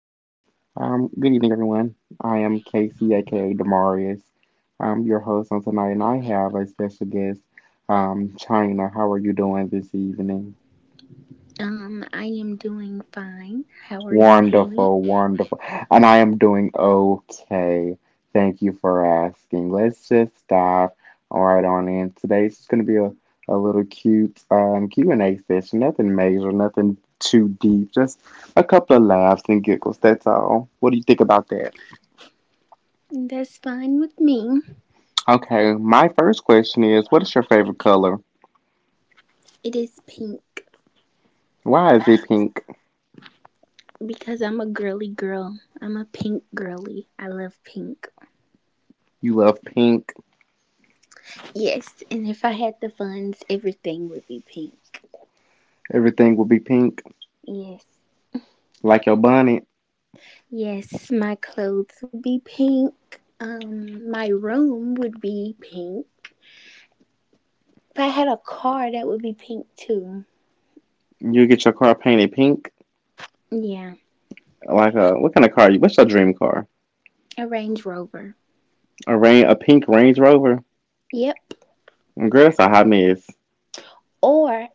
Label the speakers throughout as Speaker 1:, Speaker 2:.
Speaker 1: Good evening, everyone. I am Casey, aka Demarius. I'm your host on tonight, and I have a special guest, China. How are you doing this evening?
Speaker 2: I am doing fine. How are you doing?
Speaker 1: Wonderful, wonderful. And I am doing okay. Thank you for asking. Let's just dive right on in. Today's just going to be a little cute Q&A session. Nothing major, nothing too deep. Just a couple of laughs and giggles. That's all. What do you think about that?
Speaker 2: That's fine with me.
Speaker 1: Okay, my first question is, what is your favorite color?
Speaker 2: It is pink
Speaker 1: Why is it pink?
Speaker 2: because I'm a girly girl. I'm a pink girly. I love pink.
Speaker 1: You love pink.
Speaker 2: Yes, and if I had the funds, everything would be pink.
Speaker 1: Everything will be pink.
Speaker 2: Yes.
Speaker 1: Like your bonnet.
Speaker 2: Yes, my clothes would be pink. My room would be pink. If I had a car, that would be pink too.
Speaker 1: You get your car painted pink.
Speaker 2: Yeah,
Speaker 1: Like a what kind of car you what's your dream car?
Speaker 2: a Range Rover.
Speaker 1: A rain a pink Range Rover?
Speaker 2: Yep,
Speaker 1: Girl, that's a hot mess.
Speaker 2: or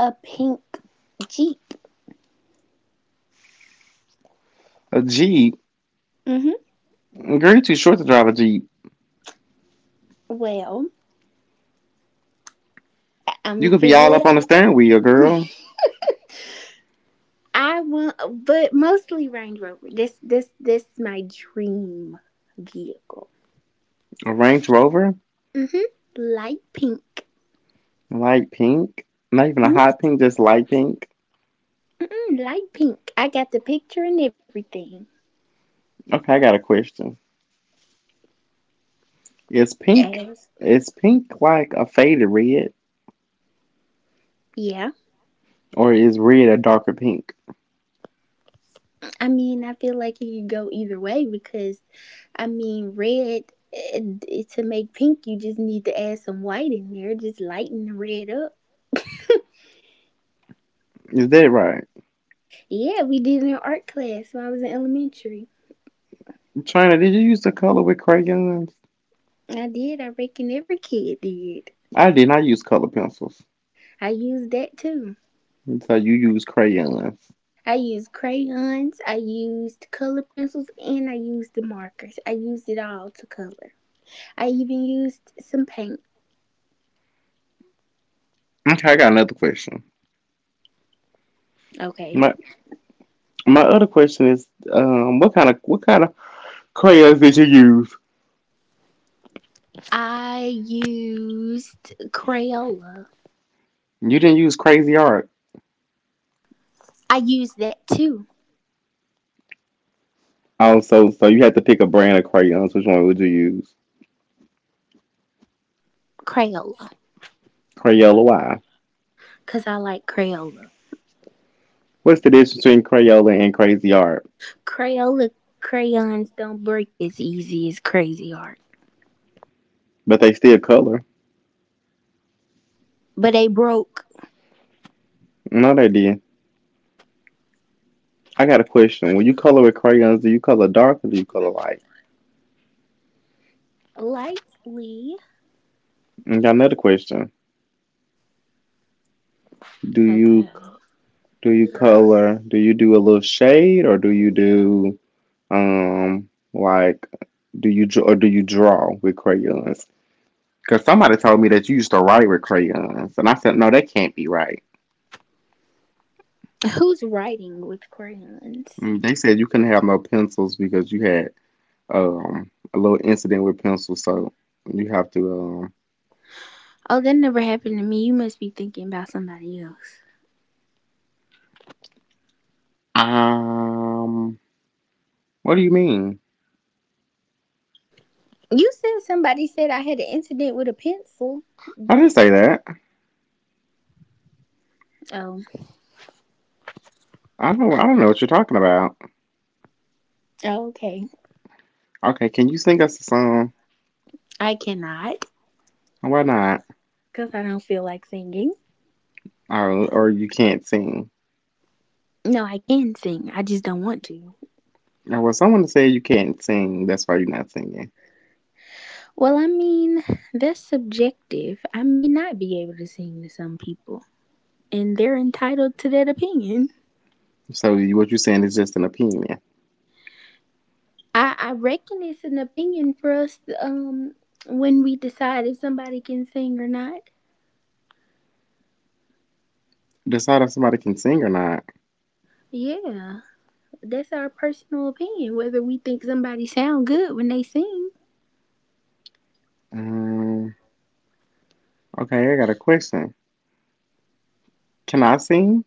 Speaker 2: a pink Jeep.
Speaker 1: A Jeep.
Speaker 2: Mm-hmm.
Speaker 1: Girl, you too short to drive a Jeep.
Speaker 2: Well,
Speaker 1: You
Speaker 2: I'm
Speaker 1: could be all
Speaker 2: figuring
Speaker 1: up on the steering wheel, girl.
Speaker 2: I want, but mostly Range Rover. This my dream vehicle.
Speaker 1: A Range Rover?
Speaker 2: Mhm. Light pink.
Speaker 1: Light pink. Not even a
Speaker 2: Mhm.
Speaker 1: hot pink, just light pink.
Speaker 2: Mm-mm, light pink. I got the picture and everything.
Speaker 1: Okay, I got a question. Is
Speaker 2: Yeah.
Speaker 1: pink
Speaker 2: As
Speaker 1: is pink like a faded red?
Speaker 2: yeah.
Speaker 1: Or is red a darker pink?
Speaker 2: I mean, I feel like it could go either way because I mean, red. eh, To make pink, you just need to add some white in there, just lighten the red up.
Speaker 1: Is that right?
Speaker 2: Yeah, we did it in art class when I was in elementary.
Speaker 1: China, did you use the color with crayons?
Speaker 2: I did. I reckon every kid did.
Speaker 1: I did not use color pencils.
Speaker 2: I used that too.
Speaker 1: So you use crayons.
Speaker 2: I used crayons, I used color pencils, and I used the markers. I used it all to color. I even used some paint.
Speaker 1: Okay, I got another question.
Speaker 2: Okay.
Speaker 1: My my other question is, what kind of crayons did you use?
Speaker 2: I used Crayola.
Speaker 1: You didn't use crazy art.
Speaker 2: I used that too.
Speaker 1: Oh, so you had to pick a brand of crayons. Which one would you use?
Speaker 2: Crayola.
Speaker 1: Crayola. Why?
Speaker 2: Because I like Crayola.
Speaker 1: What's the difference between Crayola and crazy art?
Speaker 2: Crayola crayons don't break as easy as crazy art.
Speaker 1: But they still color.
Speaker 2: But they broke
Speaker 1: No, they did. I got a question. When you color with crayons, do you color dark or do you color light?
Speaker 2: lightly.
Speaker 1: I got another question. Do
Speaker 2: Okay.
Speaker 1: you do you color? Do you do a little shade, or do you do like or do you draw with crayons? Because somebody told me that you used to write with crayons, and I said no, that can't be right.
Speaker 2: Who's writing with crayons?
Speaker 1: Mm, they said you couldn't have no pencils because you had a little incident with pencils, so you have to
Speaker 2: Oh, that never happened to me. You must be thinking about somebody else.
Speaker 1: um um. What do you mean?
Speaker 2: You said somebody said I had an incident with a pencil.
Speaker 1: I didn't say that.
Speaker 2: Oh,
Speaker 1: I don't know what you're talking about.
Speaker 2: oh, okay.
Speaker 1: Okay, can you sing us a song?
Speaker 2: I cannot
Speaker 1: Why not?
Speaker 2: because I don't feel like singing.
Speaker 1: Or you can't sing.
Speaker 2: No, I can sing. I just don't want to.
Speaker 1: Or well, someone said you can't sing. That's why you're not singing.
Speaker 2: Well, I mean, that's subjective. I may not be able to sing to some people, and they're entitled to that opinion.
Speaker 1: So you, what you're saying is just an opinion.
Speaker 2: I reckon it's an opinion for us when we decide if somebody can sing or not.
Speaker 1: Decide if somebody can sing or not.
Speaker 2: Yeah. That's our personal opinion whether we think somebody sound good when they sing.
Speaker 1: Um. Okay, I got a question. Can I sing?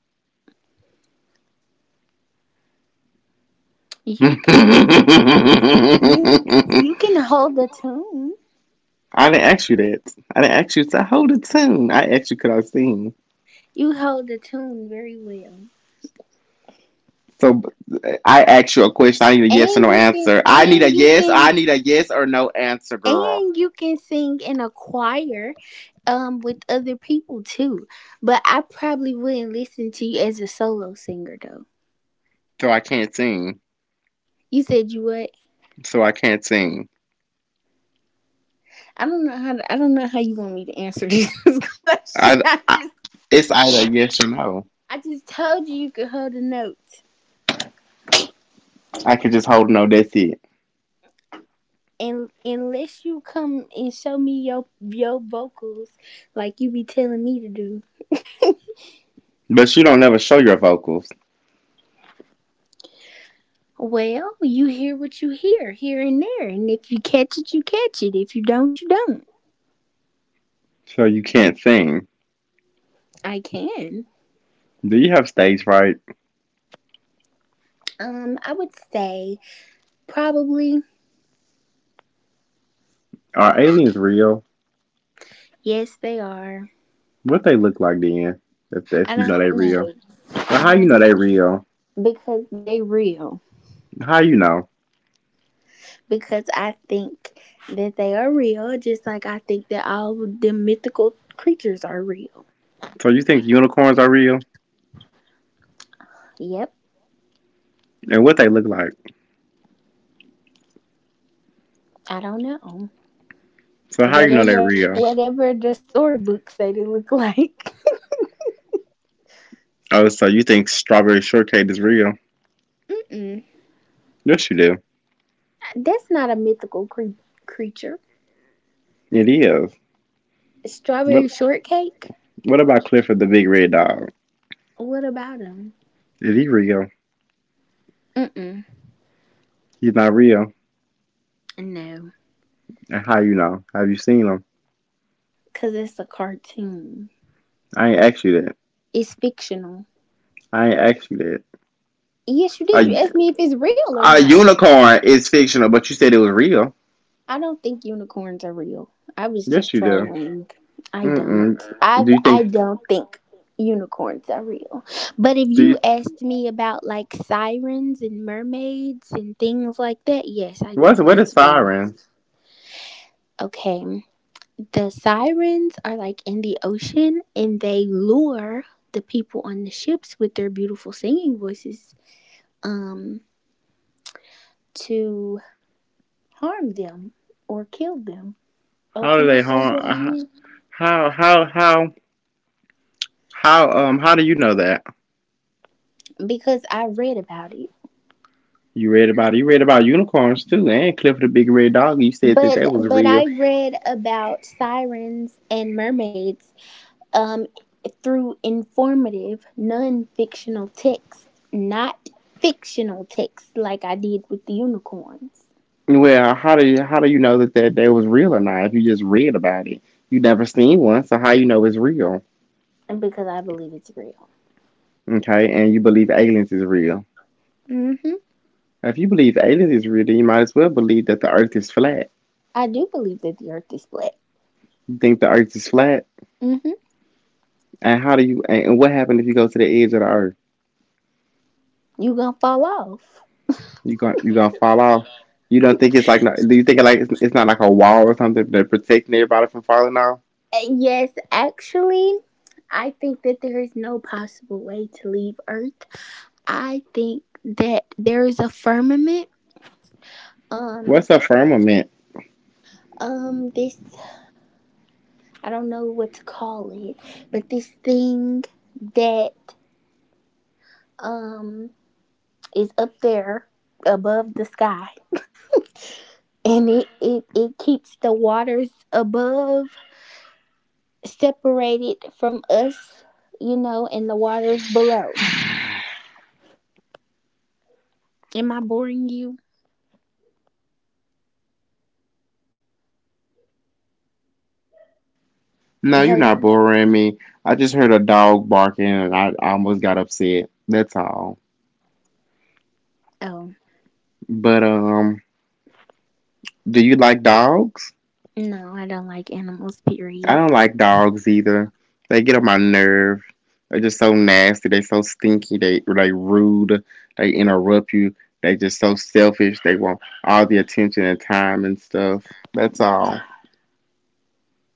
Speaker 2: You can,
Speaker 1: I
Speaker 2: you you can hold the tune.
Speaker 1: didn't ask you that. I didn't ask you to hold a tune. I asked you could I sing.
Speaker 2: You hold the tune very well.
Speaker 1: So I asked you a question. I need a yes or
Speaker 2: And
Speaker 1: no
Speaker 2: you can
Speaker 1: answer.
Speaker 2: and you
Speaker 1: I
Speaker 2: can
Speaker 1: need a yes or no answer, girl.
Speaker 2: and you can sing in a choir, with other people too, but I probably wouldn't listen to you as a solo singer though.
Speaker 1: So I can't sing.
Speaker 2: You said you what?
Speaker 1: So I can't sing.
Speaker 2: I don't know how to, I don't know how you want me to answer this question.
Speaker 1: I,
Speaker 2: i
Speaker 1: I,
Speaker 2: just
Speaker 1: it's either yes or no.
Speaker 2: i just told you you could hold the notes,
Speaker 1: I could just hold no. That's it.
Speaker 2: and unless you come and show me your vocals like you be telling me to do.
Speaker 1: But you don't never show your vocals,
Speaker 2: Well, you hear what you hear here and there, and if you catch it, you catch it. If you don't, you don't.
Speaker 1: so you can't sing.
Speaker 2: I can.
Speaker 1: Do you have stage fright?
Speaker 2: I would say probably
Speaker 1: Are aliens real?
Speaker 2: yes, they are.
Speaker 1: What they look like then?
Speaker 2: I
Speaker 1: If you know they
Speaker 2: don't
Speaker 1: real,
Speaker 2: know.
Speaker 1: well,
Speaker 2: I
Speaker 1: how you know
Speaker 2: don't-
Speaker 1: they real?
Speaker 2: Because they real.
Speaker 1: How you know?
Speaker 2: Because I think that they are real, just like I think that all the mythical creatures are real.
Speaker 1: So you think unicorns are real?
Speaker 2: Yep,
Speaker 1: And what they look like?
Speaker 2: I don't know.
Speaker 1: So how you know they
Speaker 2: whatever
Speaker 1: real?
Speaker 2: whatever the storybook say they look like.
Speaker 1: Oh, so you think strawberry shortcake is real?
Speaker 2: Mm-mm.
Speaker 1: Yes, you do.
Speaker 2: That's not a mythical creature.
Speaker 1: It is.
Speaker 2: Strawberry
Speaker 1: What
Speaker 2: shortcake.
Speaker 1: What about Clifford the Big Red Dog?
Speaker 2: What about him?
Speaker 1: Is he real?
Speaker 2: Mm-mm.
Speaker 1: He's not real.
Speaker 2: No,
Speaker 1: And how you know? Have you seen them?
Speaker 2: because it's a cartoon.
Speaker 1: I ain't asked you that.
Speaker 2: It's fictional.
Speaker 1: I ain't asked you that.
Speaker 2: Yes, you
Speaker 1: A,
Speaker 2: did. You asked me if it's real or
Speaker 1: a
Speaker 2: not.
Speaker 1: unicorn is fictional, but you said it was real.
Speaker 2: I don't think unicorns are real. I was
Speaker 1: Yes,
Speaker 2: just
Speaker 1: you do.
Speaker 2: trolling. I don't.
Speaker 1: Mm-mm. Do
Speaker 2: I've
Speaker 1: you think?
Speaker 2: I don't think unicorns are real. But if
Speaker 1: Do
Speaker 2: you
Speaker 1: you?
Speaker 2: asked me about like sirens and mermaids and things like that, yes, I
Speaker 1: What's
Speaker 2: think
Speaker 1: what is
Speaker 2: that's real.
Speaker 1: sirens?
Speaker 2: Okay. The sirens are like in the ocean and they lure the people on the ships with their beautiful singing voices um to harm them or kill them. Oh,
Speaker 1: How do
Speaker 2: can I
Speaker 1: they
Speaker 2: say
Speaker 1: harm?
Speaker 2: that on here?
Speaker 1: How how how how do you know that?
Speaker 2: Because I read about it.
Speaker 1: You read about it. You read about unicorns too, and Clifford the Big Red Dog. You said that
Speaker 2: But
Speaker 1: they was
Speaker 2: but I
Speaker 1: real.
Speaker 2: read about sirens and mermaids um through informative non-fictional texts, not fictional texts like I did with the unicorns,
Speaker 1: Well, how do you know that that they was real or not? If you just read about it, you never seen one, so how you know it's real?
Speaker 2: and because I believe it's real.
Speaker 1: Okay, and you believe aliens is real.
Speaker 2: Mhm.
Speaker 1: If you believe aliens is real, then you might as well believe that the Earth is flat.
Speaker 2: I do believe that the earth is flat.
Speaker 1: You think the Earth is flat,
Speaker 2: Mhm.
Speaker 1: and how do you? And what happened if you go to the edge of the Earth?
Speaker 2: You going to fall off.
Speaker 1: You going you gonna fall off? You don't think it's like? No- do you think it like it's not like a wall or something that protecting everybody from falling off?
Speaker 2: Yes, actually, I think that there is no possible way to leave earth. I think that there is a firmament um
Speaker 1: What's a firmament?
Speaker 2: this I don't know what to call it, but this thing that um is up there above the sky, and it keeps the waters above separated from us, you know, and the waters below. Am I boring you?
Speaker 1: No, you're not
Speaker 2: Hello?
Speaker 1: boring me. I just heard a dog barking, and I almost got upset. That's all.
Speaker 2: Oh.
Speaker 1: But do you like dogs?
Speaker 2: No, I don't like animals,
Speaker 1: I
Speaker 2: period.
Speaker 1: don't like dogs either. They get on my nerve. They're just so nasty. They so stinky. They rude. They interrupt you. They just so selfish. They want all the attention and time and stuff. That's all.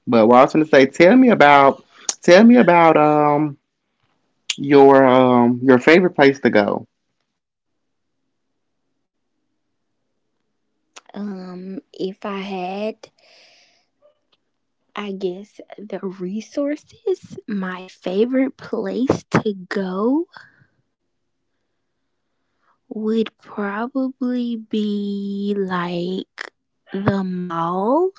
Speaker 1: But what I was gonna say, tell me about your favorite place to go.
Speaker 2: If I had, I guess, the resources, my favorite place to go would probably be like the mall.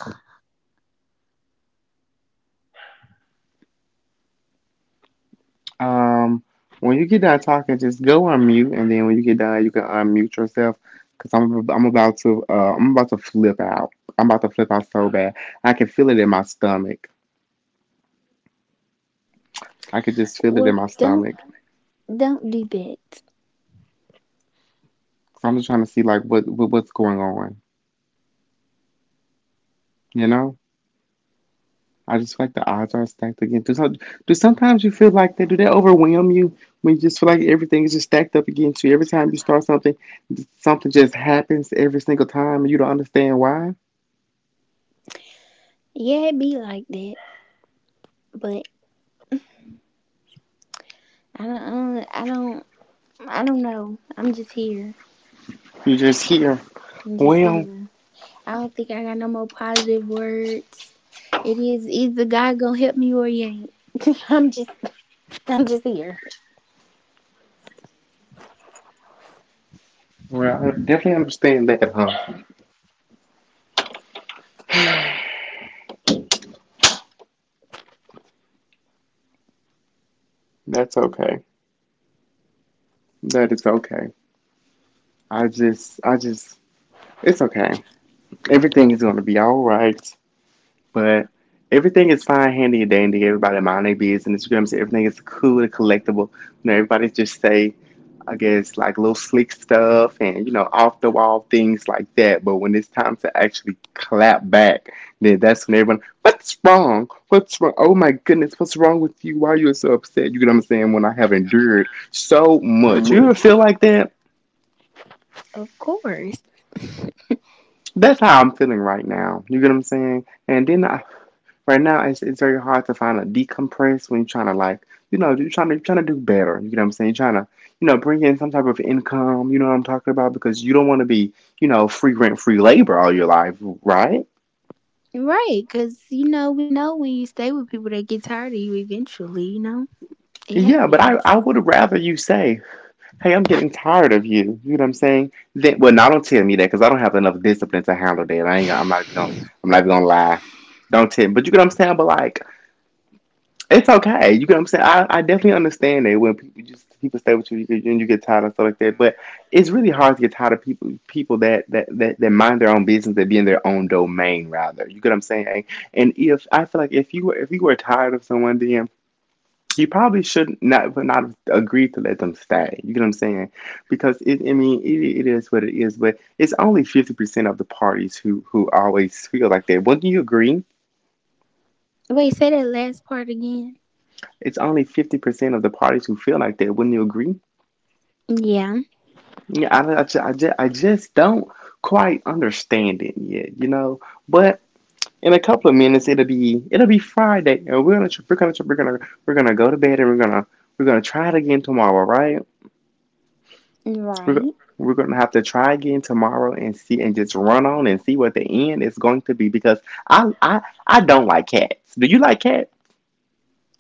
Speaker 1: Um, when you get done talking, just go on mute, and then when you get done, you can unmute yourself. Cause I'm about to I'm about to flip out. I'm about to flip out so bad. I can feel it in my stomach. I could just feel it
Speaker 2: Well,
Speaker 1: in my
Speaker 2: don't
Speaker 1: stomach.
Speaker 2: don't do that.
Speaker 1: Cause I'm just trying to see like what what's going on. You know, I just feel like the odds are stacked again. Do sometimes you feel like that? Do they overwhelm you when you just feel like everything is just stacked up against you? Every time you start something, something just happens every single time, and you don't understand why.
Speaker 2: Yeah, it be like that, but I don't, I don't, I don't know. I'm just here.
Speaker 1: You just hear
Speaker 2: I'm just
Speaker 1: well.
Speaker 2: here. I don't think I got no more positive words. It is either God gonna help me or he ain't. I'm just, I'm just here.
Speaker 1: Well, I definitely understand that, huh? That's okay. That is okay. I just, I just, it's okay. Everything is going to be all right. But everything is fine, handy, and dandy. Everybody mind their business. You know what I'm saying? Everything is cool and collectible. You know, everybody just safe. I guess like little slick stuff and you know off the wall things like that. But when it's time to actually clap back, then that's when everyone, what's wrong? What's wrong? Oh my goodness, what's wrong with you? Why are you so upset? You get what I'm saying? When I have endured so much, you ever feel like that?
Speaker 2: Of course.
Speaker 1: That's how I'm feeling right now. You get what I'm saying? And then I right now, it's very hard to find a decompress when you're trying to like, you know, you're trying to do better. You know what I'm saying? You're trying to, you know, bring in some type of income. You know what I'm talking about? Because you don't want to be, you know, free rent, free labor all your life, right?
Speaker 2: Right, because, you know, we know when you stay with people, they get tired of you eventually, you know? It
Speaker 1: Yeah, but I,
Speaker 2: happens.
Speaker 1: I would rather you say, hey, I'm getting tired of you. You know what I'm saying? Then, well, now don't tell me that because I don't have enough discipline to handle that. I ain't. I'm not even gonna. I'm not even gonna lie. Don't tell me. But you get what I'm saying? But like. It's okay. You get what I'm saying? I definitely understand that when people stay with you, and you get tired of stuff like that. But it's really hard to get tired of people that that mind their own business, that be in their own domain rather. You get what I'm saying? And if I feel like if you were tired of someone, then you probably should not would not agree to let them stay. You get what I'm saying? Because I mean, it is what it is. But it's only 50% of the parties who always feel like that. Wouldn't you agree?
Speaker 2: Wait, say that last part again.
Speaker 1: It's only 50% of the parties who feel like that. Wouldn't you agree?
Speaker 2: Yeah,
Speaker 1: Yeah, I just don't quite understand it yet, you know. But in a couple of minutes, it'll be Friday, and we're gonna go to bed, and we're gonna try it again tomorrow, right? We're
Speaker 2: right.
Speaker 1: go- we're gonna have to try again tomorrow and see and just run on and see what the end is going to be because I don't like cats. Do you like cats?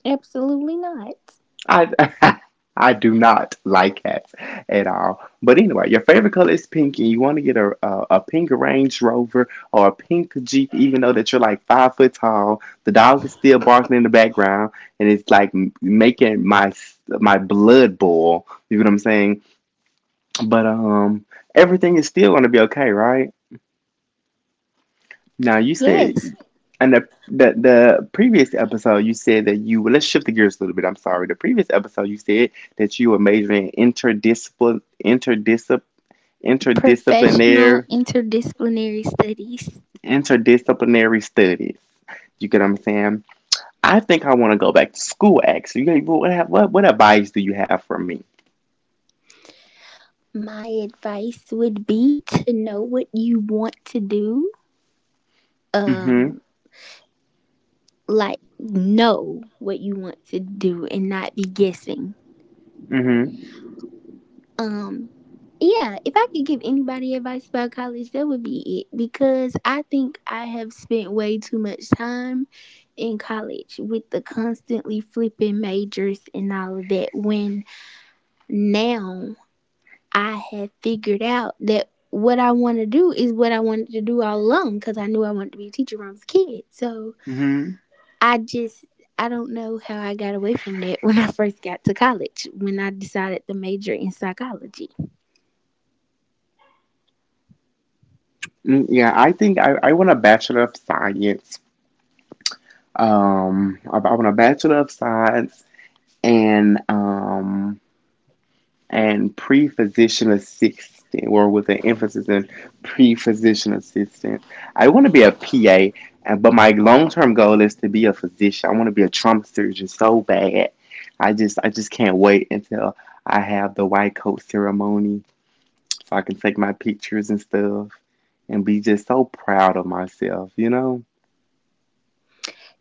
Speaker 2: Absolutely not.
Speaker 1: I I do not like cats at all. But anyway, your favorite color is pink, and you want to get a a pink Range Rover or a pink Jeep, even though that you're like 5 foot tall. The dog is still barking in the background, and it's like making my blood boil. You know what I'm saying? But everything is still gonna be okay, right? Now you
Speaker 2: Yes,
Speaker 1: said, in the previous episode you said that let's shift the gears a little bit. I'm sorry. The previous episode you said that you were majoring in
Speaker 2: professional
Speaker 1: interdisciplinary,
Speaker 2: interdisciplinary studies.
Speaker 1: interdisciplinary studies. You get what I'm saying? I think I want to go back to school. Actually, You got- what have- what advice do you have for me?
Speaker 2: My advice would be to know what you want to do.
Speaker 1: Mm-hmm.
Speaker 2: Um, like, know what you want to do and not be guessing.
Speaker 1: Mm-hmm.
Speaker 2: Um, yeah, if I could give anybody advice about college, that would be it because I think I have spent way too much time in college with the constantly flipping majors and all of that when now I have figured out that what I want to do is what I wanted to do all along because I knew I wanted to be a teacher when I was a kid. So
Speaker 1: Mm-hmm.
Speaker 2: I just, I don't know how I got away from that when I first got to college when I decided to major in psychology.
Speaker 1: Mm, yeah, I think I want a bachelor of science. I want a bachelor of science and um and pre-physician assistant, or with an emphasis in pre-physician assistant. I want to be a PA, but my long-term goal is to be a physician. I want to be a trauma surgeon so bad. I just can't wait until I have the white coat ceremony so I can take my pictures and stuff and be just so proud of myself, you know?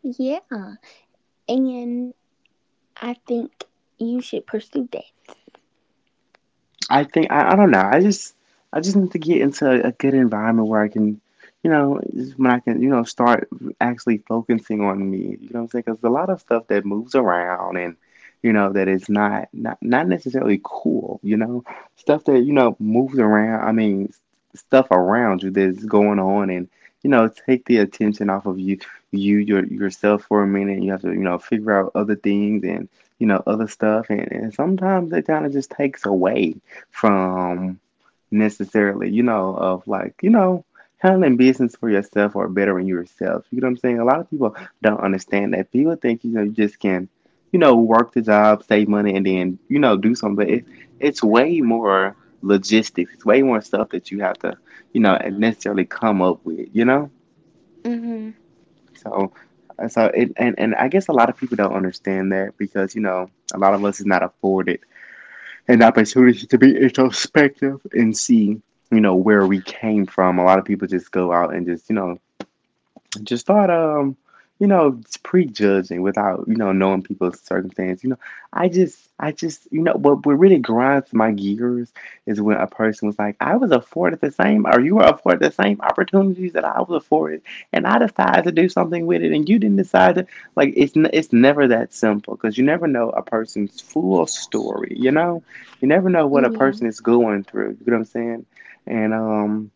Speaker 2: Yeah, and I think you should pursue that.
Speaker 1: I think I don't know. I just need to get into a good environment where I can, you know, when I can, you know, start actually focusing on me. You know what I'm saying? Because a lot of stuff that moves around and you know that is not necessarily cool. You know, stuff that you know moves around. I mean, stuff around you that's going on and. You know, take the attention off of you, yourself for a minute. You have to, you know, figure out other things and you know other stuff, and sometimes it kind of just takes away from necessarily, you know, of like, you know, handling business for yourself or bettering yourself. You know what I'm saying? A lot of people don't understand that. People think, you know, you just can, you know, work the job, save money, and then, you know, do something. But it's way more logistics. It's way more stuff that you have to, you know, necessarily come up with, you know?
Speaker 2: Hmm.
Speaker 1: So, and I guess a lot of people don't understand that because, you know, a lot of us is not afforded an opportunity to be introspective and see, you know, where we came from. A lot of people just go out and just, you know, just start you know prejudging without you know knowing people's circumstance, you know? I just you know, but what really grinds my gears is when a person was like, I was afforded the same, or you were afforded the same opportunities that I was afforded, and I decided to do something with it and you didn't decide to, like it's never that simple because you never know a person's full story, you know? You never know what a
Speaker 2: Yeah.
Speaker 1: person is going through, you know what I'm saying? And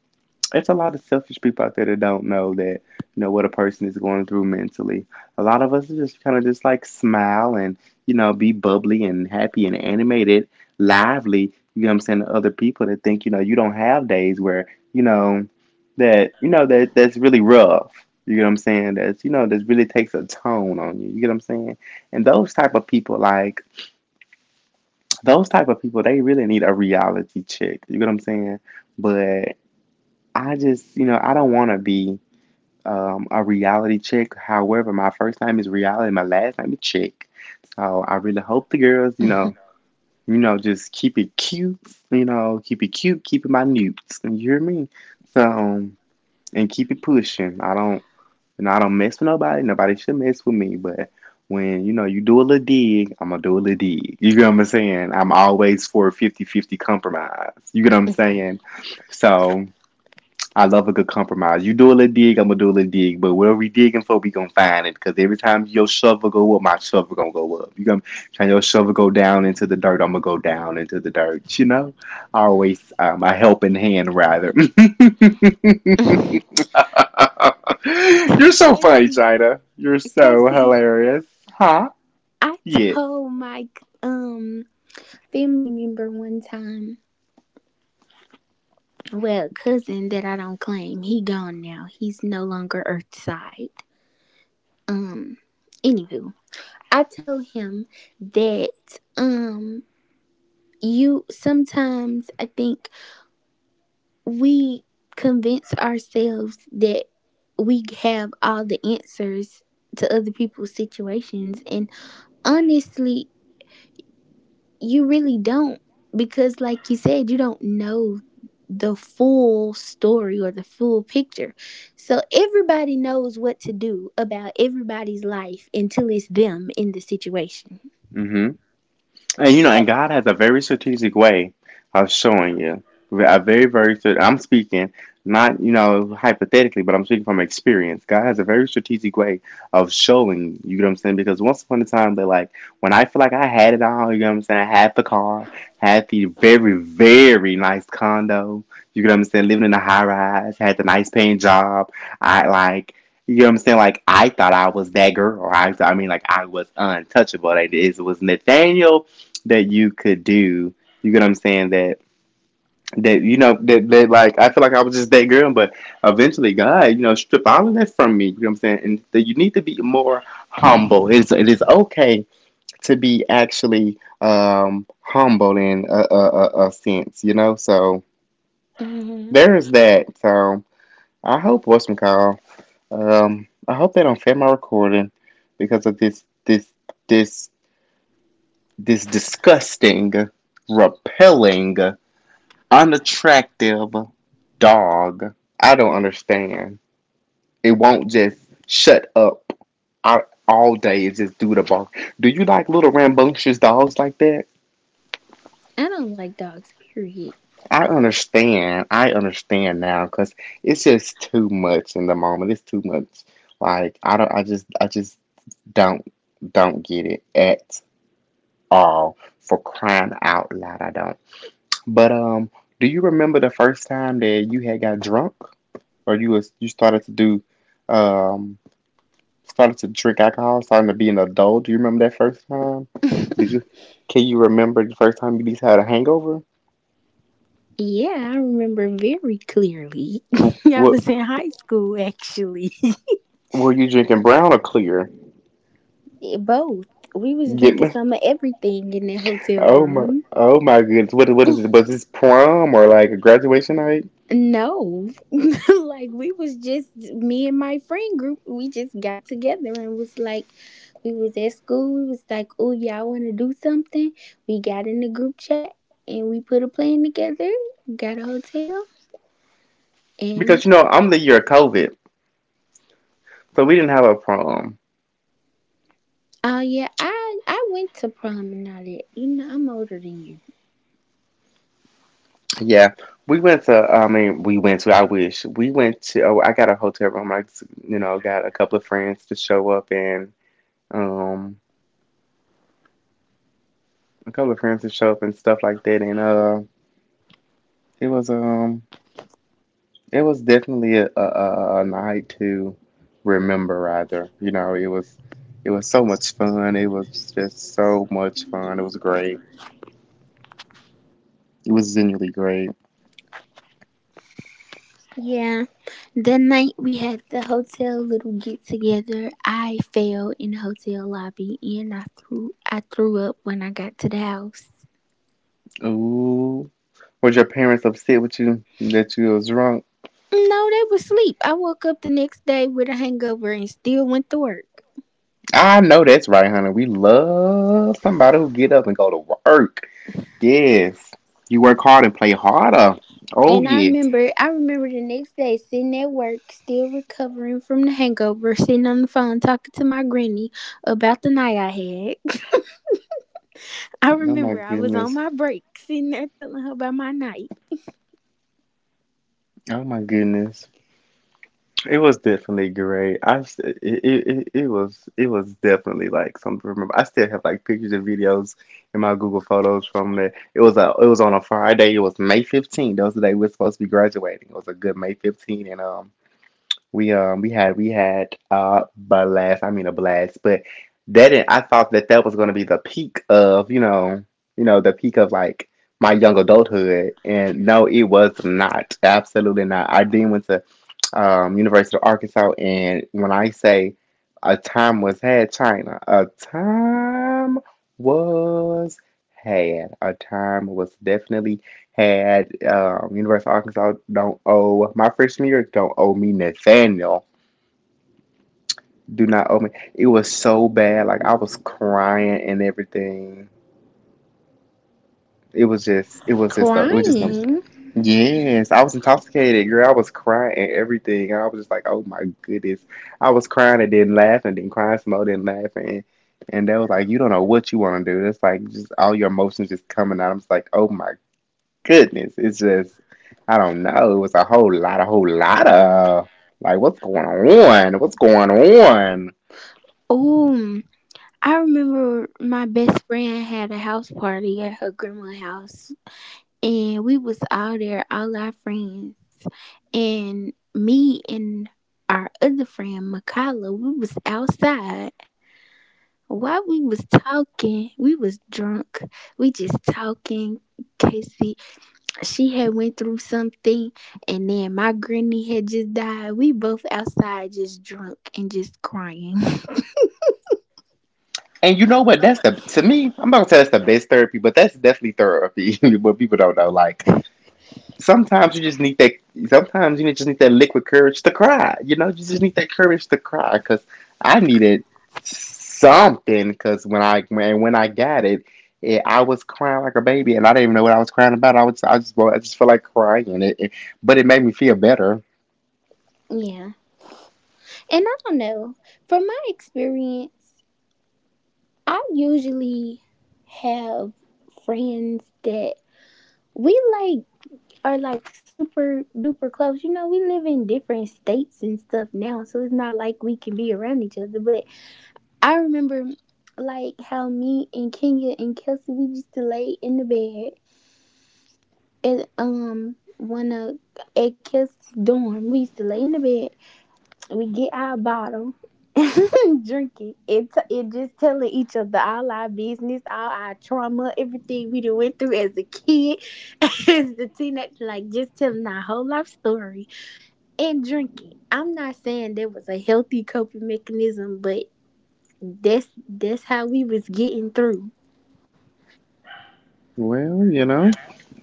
Speaker 1: it's a lot of selfish people out there that don't know that, you know, what a person is going through mentally. A lot of us are just kind of just like smile and, you know, be bubbly and happy and animated, lively. You know what I'm saying, to other people that think, you know, you don't have days where, you know, that, you know, that that's really rough. You know what I'm saying? That's, you know, that really takes a tone on you. You get what I'm saying? And those type of people, like those type of people, they really need a reality check. You get what I'm saying? But I just, you know, I don't want to be a reality check. However, my first name is reality, my last name is check. So I really hope the girls, you know, just keep it cute, you know, keep it cute, keep it minute. You hear me? So and keep it pushing. I don't, you know, I don't mess with nobody. Nobody should mess with me. But when you know you do a little dig, I'm gonna do a little dig. You get what I'm saying? I'm always for a 50-50 compromise. You get what I'm saying? So. I love a good compromise. You do a little dig, I'm gonna do a little dig, but whatever we digging for, we gonna find it. Cause every time your shovel go up, my shovel gonna go up. You gonna try your shovel go down into the dirt, I'm gonna go down into the dirt. You know, I always my helping hand rather. You're so funny,
Speaker 2: Casey,
Speaker 1: China. You're so
Speaker 2: Casey.
Speaker 1: hilarious, huh?
Speaker 2: I
Speaker 1: Yeah.
Speaker 2: told my um family member one time, well, cousin that I don't claim, he gone now. He's no longer Earthside. Um, anywho, I told him that you sometimes I think we convince ourselves that we have all the answers to other people's situations, and honestly you really don't because like you said you don't know the full story or the full picture, so everybody knows what to do about everybody's life until it's them in the situation.
Speaker 1: Mhm. And you know, and God has a very strategic way of showing you. A very, very, I'm speaking not, you know, hypothetically, but I'm speaking from experience. God has a very strategic way of showing, you know what I'm saying? Because once upon a time, they're like, when I feel like I had it all, you know what I'm saying? I had the car, had the very, very nice condo, you know what I'm saying? Living in a high rise, had the nice paying job. I like, you know what I'm saying? Like, I thought I was that girl. I mean, like, I was untouchable. Like, it was Nathaniel that you could do. You get what I'm saying? That that you know that, that like I feel like I was just that girl, but eventually God, you know, strip all of that from me. You know what I'm saying? And that you need to be more humble. It's it is okay to be actually humble in a, sense, you know. So
Speaker 2: Hmm.
Speaker 1: there is that. So I hope what's my call. I hope they don't fail my recording because of this this disgusting, repelling, unattractive dog. I don't understand. It won't just shut up. I, all day. It's just do the bark. Do you like little rambunctious dogs like that?
Speaker 2: I don't like dogs, period.
Speaker 1: I understand. I understand now because it's just too much in the moment. It's too much. Like I don't. I just. I just don't. Don't get it at all. For crying out loud, I don't. But do you remember the first time that you had got drunk? Or you was you started to do um started to drink alcohol, starting to be an adult. Do you remember that first time? Did you can you remember the first time you just had a hangover?
Speaker 2: Yeah, I remember very clearly. I
Speaker 1: What
Speaker 2: was in high school actually.
Speaker 1: were you drinking, brown or clear?
Speaker 2: Both. We was
Speaker 1: Yeah,
Speaker 2: drinking some of everything in that hotel
Speaker 1: oh my,
Speaker 2: room.
Speaker 1: oh my goodness. What is it? Was this prom or like a graduation night?
Speaker 2: No. Like we was just me and my friend group, we just got together and was like we was at school, we was like, "Oh, y'all want to do something?" We got in the group chat and we put a plan together, got a hotel, and
Speaker 1: Because you know, I'm the year of COVID, so we didn't have a prom.
Speaker 2: oh yeah, I went to prom and all that. You know, I'm older than you.
Speaker 1: Yeah. We went to, I mean, we went to, I wish, we went to, oh, I got a hotel room. I, you know, got a couple of friends to show up and. um a couple of friends to show up and stuff like that, and it was um it was definitely a night to remember rather, you know. It was it was so much fun. It was just so much fun. It was great. It was genuinely great.
Speaker 2: Yeah. The night we had the hotel little get together, I fell in the hotel lobby and I threw up when I got to the house.
Speaker 1: Ooh, was your parents upset with you that you was drunk?
Speaker 2: No, they were asleep. I woke up the next day with a hangover and still went to work.
Speaker 1: I know that's right, honey. We love somebody who get up and go to work. Yes. You work hard and play harder. Oh
Speaker 2: And I
Speaker 1: yeah.
Speaker 2: remember I remember the next day sitting at work, still recovering from the hangover, sitting on the phone talking to my granny about the night I had. I
Speaker 1: Oh my
Speaker 2: remember I was
Speaker 1: goodness.
Speaker 2: on my break, sitting there telling her about my night.
Speaker 1: Oh my goodness. It was definitely great. It was definitely like something to remember. I still have like pictures and videos in my Google Photos from that. It was a it was on a Friday. It was May 15th. That was the day we are supposed to be graduating. It was a good May 15th, and we had blast. I mean a blast, but that didn't— I thought that that was going to be the peak of, you know, the peak of like my young adulthood, and no, it was not. Absolutely not. I then went to University of Arkansas. And when I say a time was had, China, a time was had. A time was definitely had. University of Arkansas don't owe my freshman year. Don't owe me Nathaniel. Do not owe me. It was so bad. Like I was crying and everything. It was just. It was just. A, it was just a—
Speaker 2: Crying.
Speaker 1: Yes, I was intoxicated, girl. I was crying and everything. I was just like, oh my goodness. I was crying and then laughing, then crying some more, then laughing. And they was like, you don't know what you want to do. It's like just all your emotions just coming out. I'm just like, oh my goodness. It's just, I don't know. It was a whole lot of like, what's going on? What's going on?
Speaker 2: Oh. I remember my best friend had a house party at her grandma's house, and we was all there, all our friends, and me and our other friend Makala, we was outside. While we was talking, we was drunk. We just talking. Casey, she had went through something, and then my granny had just died. We both outside, just drunk and just crying.
Speaker 1: And you know what? That's the— to me, I'm not gonna say that's the best therapy, but that's definitely therapy. What people don't know, like, sometimes you just need that. Sometimes you just need that liquid courage to cry. You know, you just need that courage to cry. Because I needed something. Because when when I got it, it, I was crying like a baby, and I didn't even know what I was crying about. I just felt like crying, but it made me feel better.
Speaker 2: Yeah. And I don't know. From my experience, I usually have friends that we like are like super duper close. You know, we live in different states and stuff now, so it's not like we can be around each other. But I remember like how me and Kenya and Kelsey we used to lay in the bed and one of at Kelsey's dorm. We used to lay in the bed we get our bottle, drink it, and just telling each other all our business, all our trauma, everything we done went through as a kid, as a teenager, like just telling our whole life story and drinking. I'm not saying that was a healthy coping mechanism, but that's how we was getting through.
Speaker 1: Well, you know.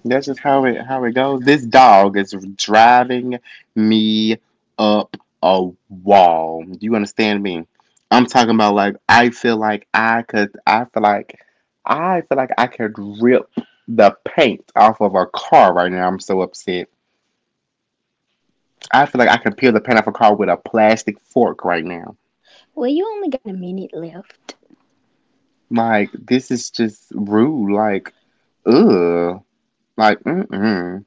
Speaker 1: That's just how it goes. This dog is driving me up a wall. Do you understand me? I'm talking about like I feel like I could I feel like I feel like I could rip the paint off of a car right now. I'm so upset. I feel like I can peel the paint off a car with a plastic fork right now.
Speaker 2: Well, you only got a minute left.
Speaker 1: Like this is just rude. Like ugh. Like.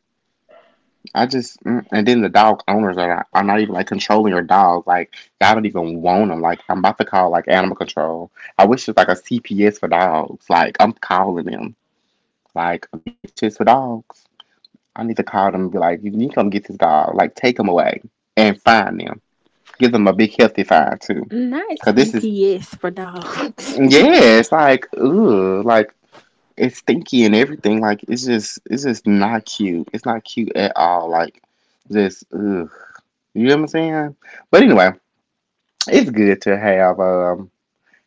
Speaker 1: I just and then the dog owners are not even like controlling your dog. Like I don't even want them. Like I'm about to call like animal control. I wish it's like a CPS for dogs. Like I'm calling them. Like a DHS for dogs. I need to call them and be like, you need to come get this dog. Like take them away and find them. Give them a big healthy fine too.
Speaker 2: Not
Speaker 1: Cause this is
Speaker 2: CPS for dogs.
Speaker 1: yeah. It's like ugh. Like it's stinky and everything. Like it's just not cute. It's not cute at all. Like just ugh. You know what I'm saying? But anyway, it's good to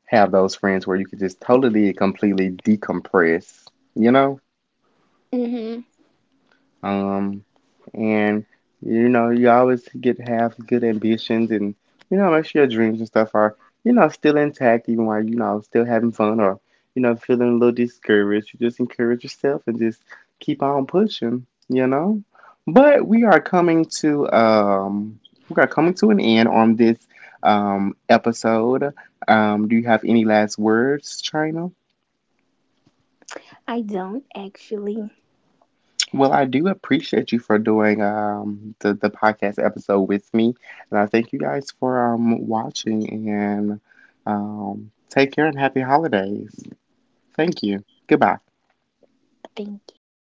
Speaker 1: have those friends where you can just totally completely decompress, you know?
Speaker 2: Hmm.
Speaker 1: Um, and you know, you always get have good ambitions, and you know, make sure your dreams and stuff are, you know, still intact even while, you know, still having fun or, you know, feeling a little discouraged. You just encourage yourself and just keep on pushing, you know? But we are coming to we are coming to an end on this episode. Do you have any last words, China?
Speaker 2: I don't actually.
Speaker 1: Well, I do appreciate you for doing the podcast episode with me, and I thank you guys for watching. And take care and happy holidays. Thank you. Goodbye.
Speaker 2: Thank you.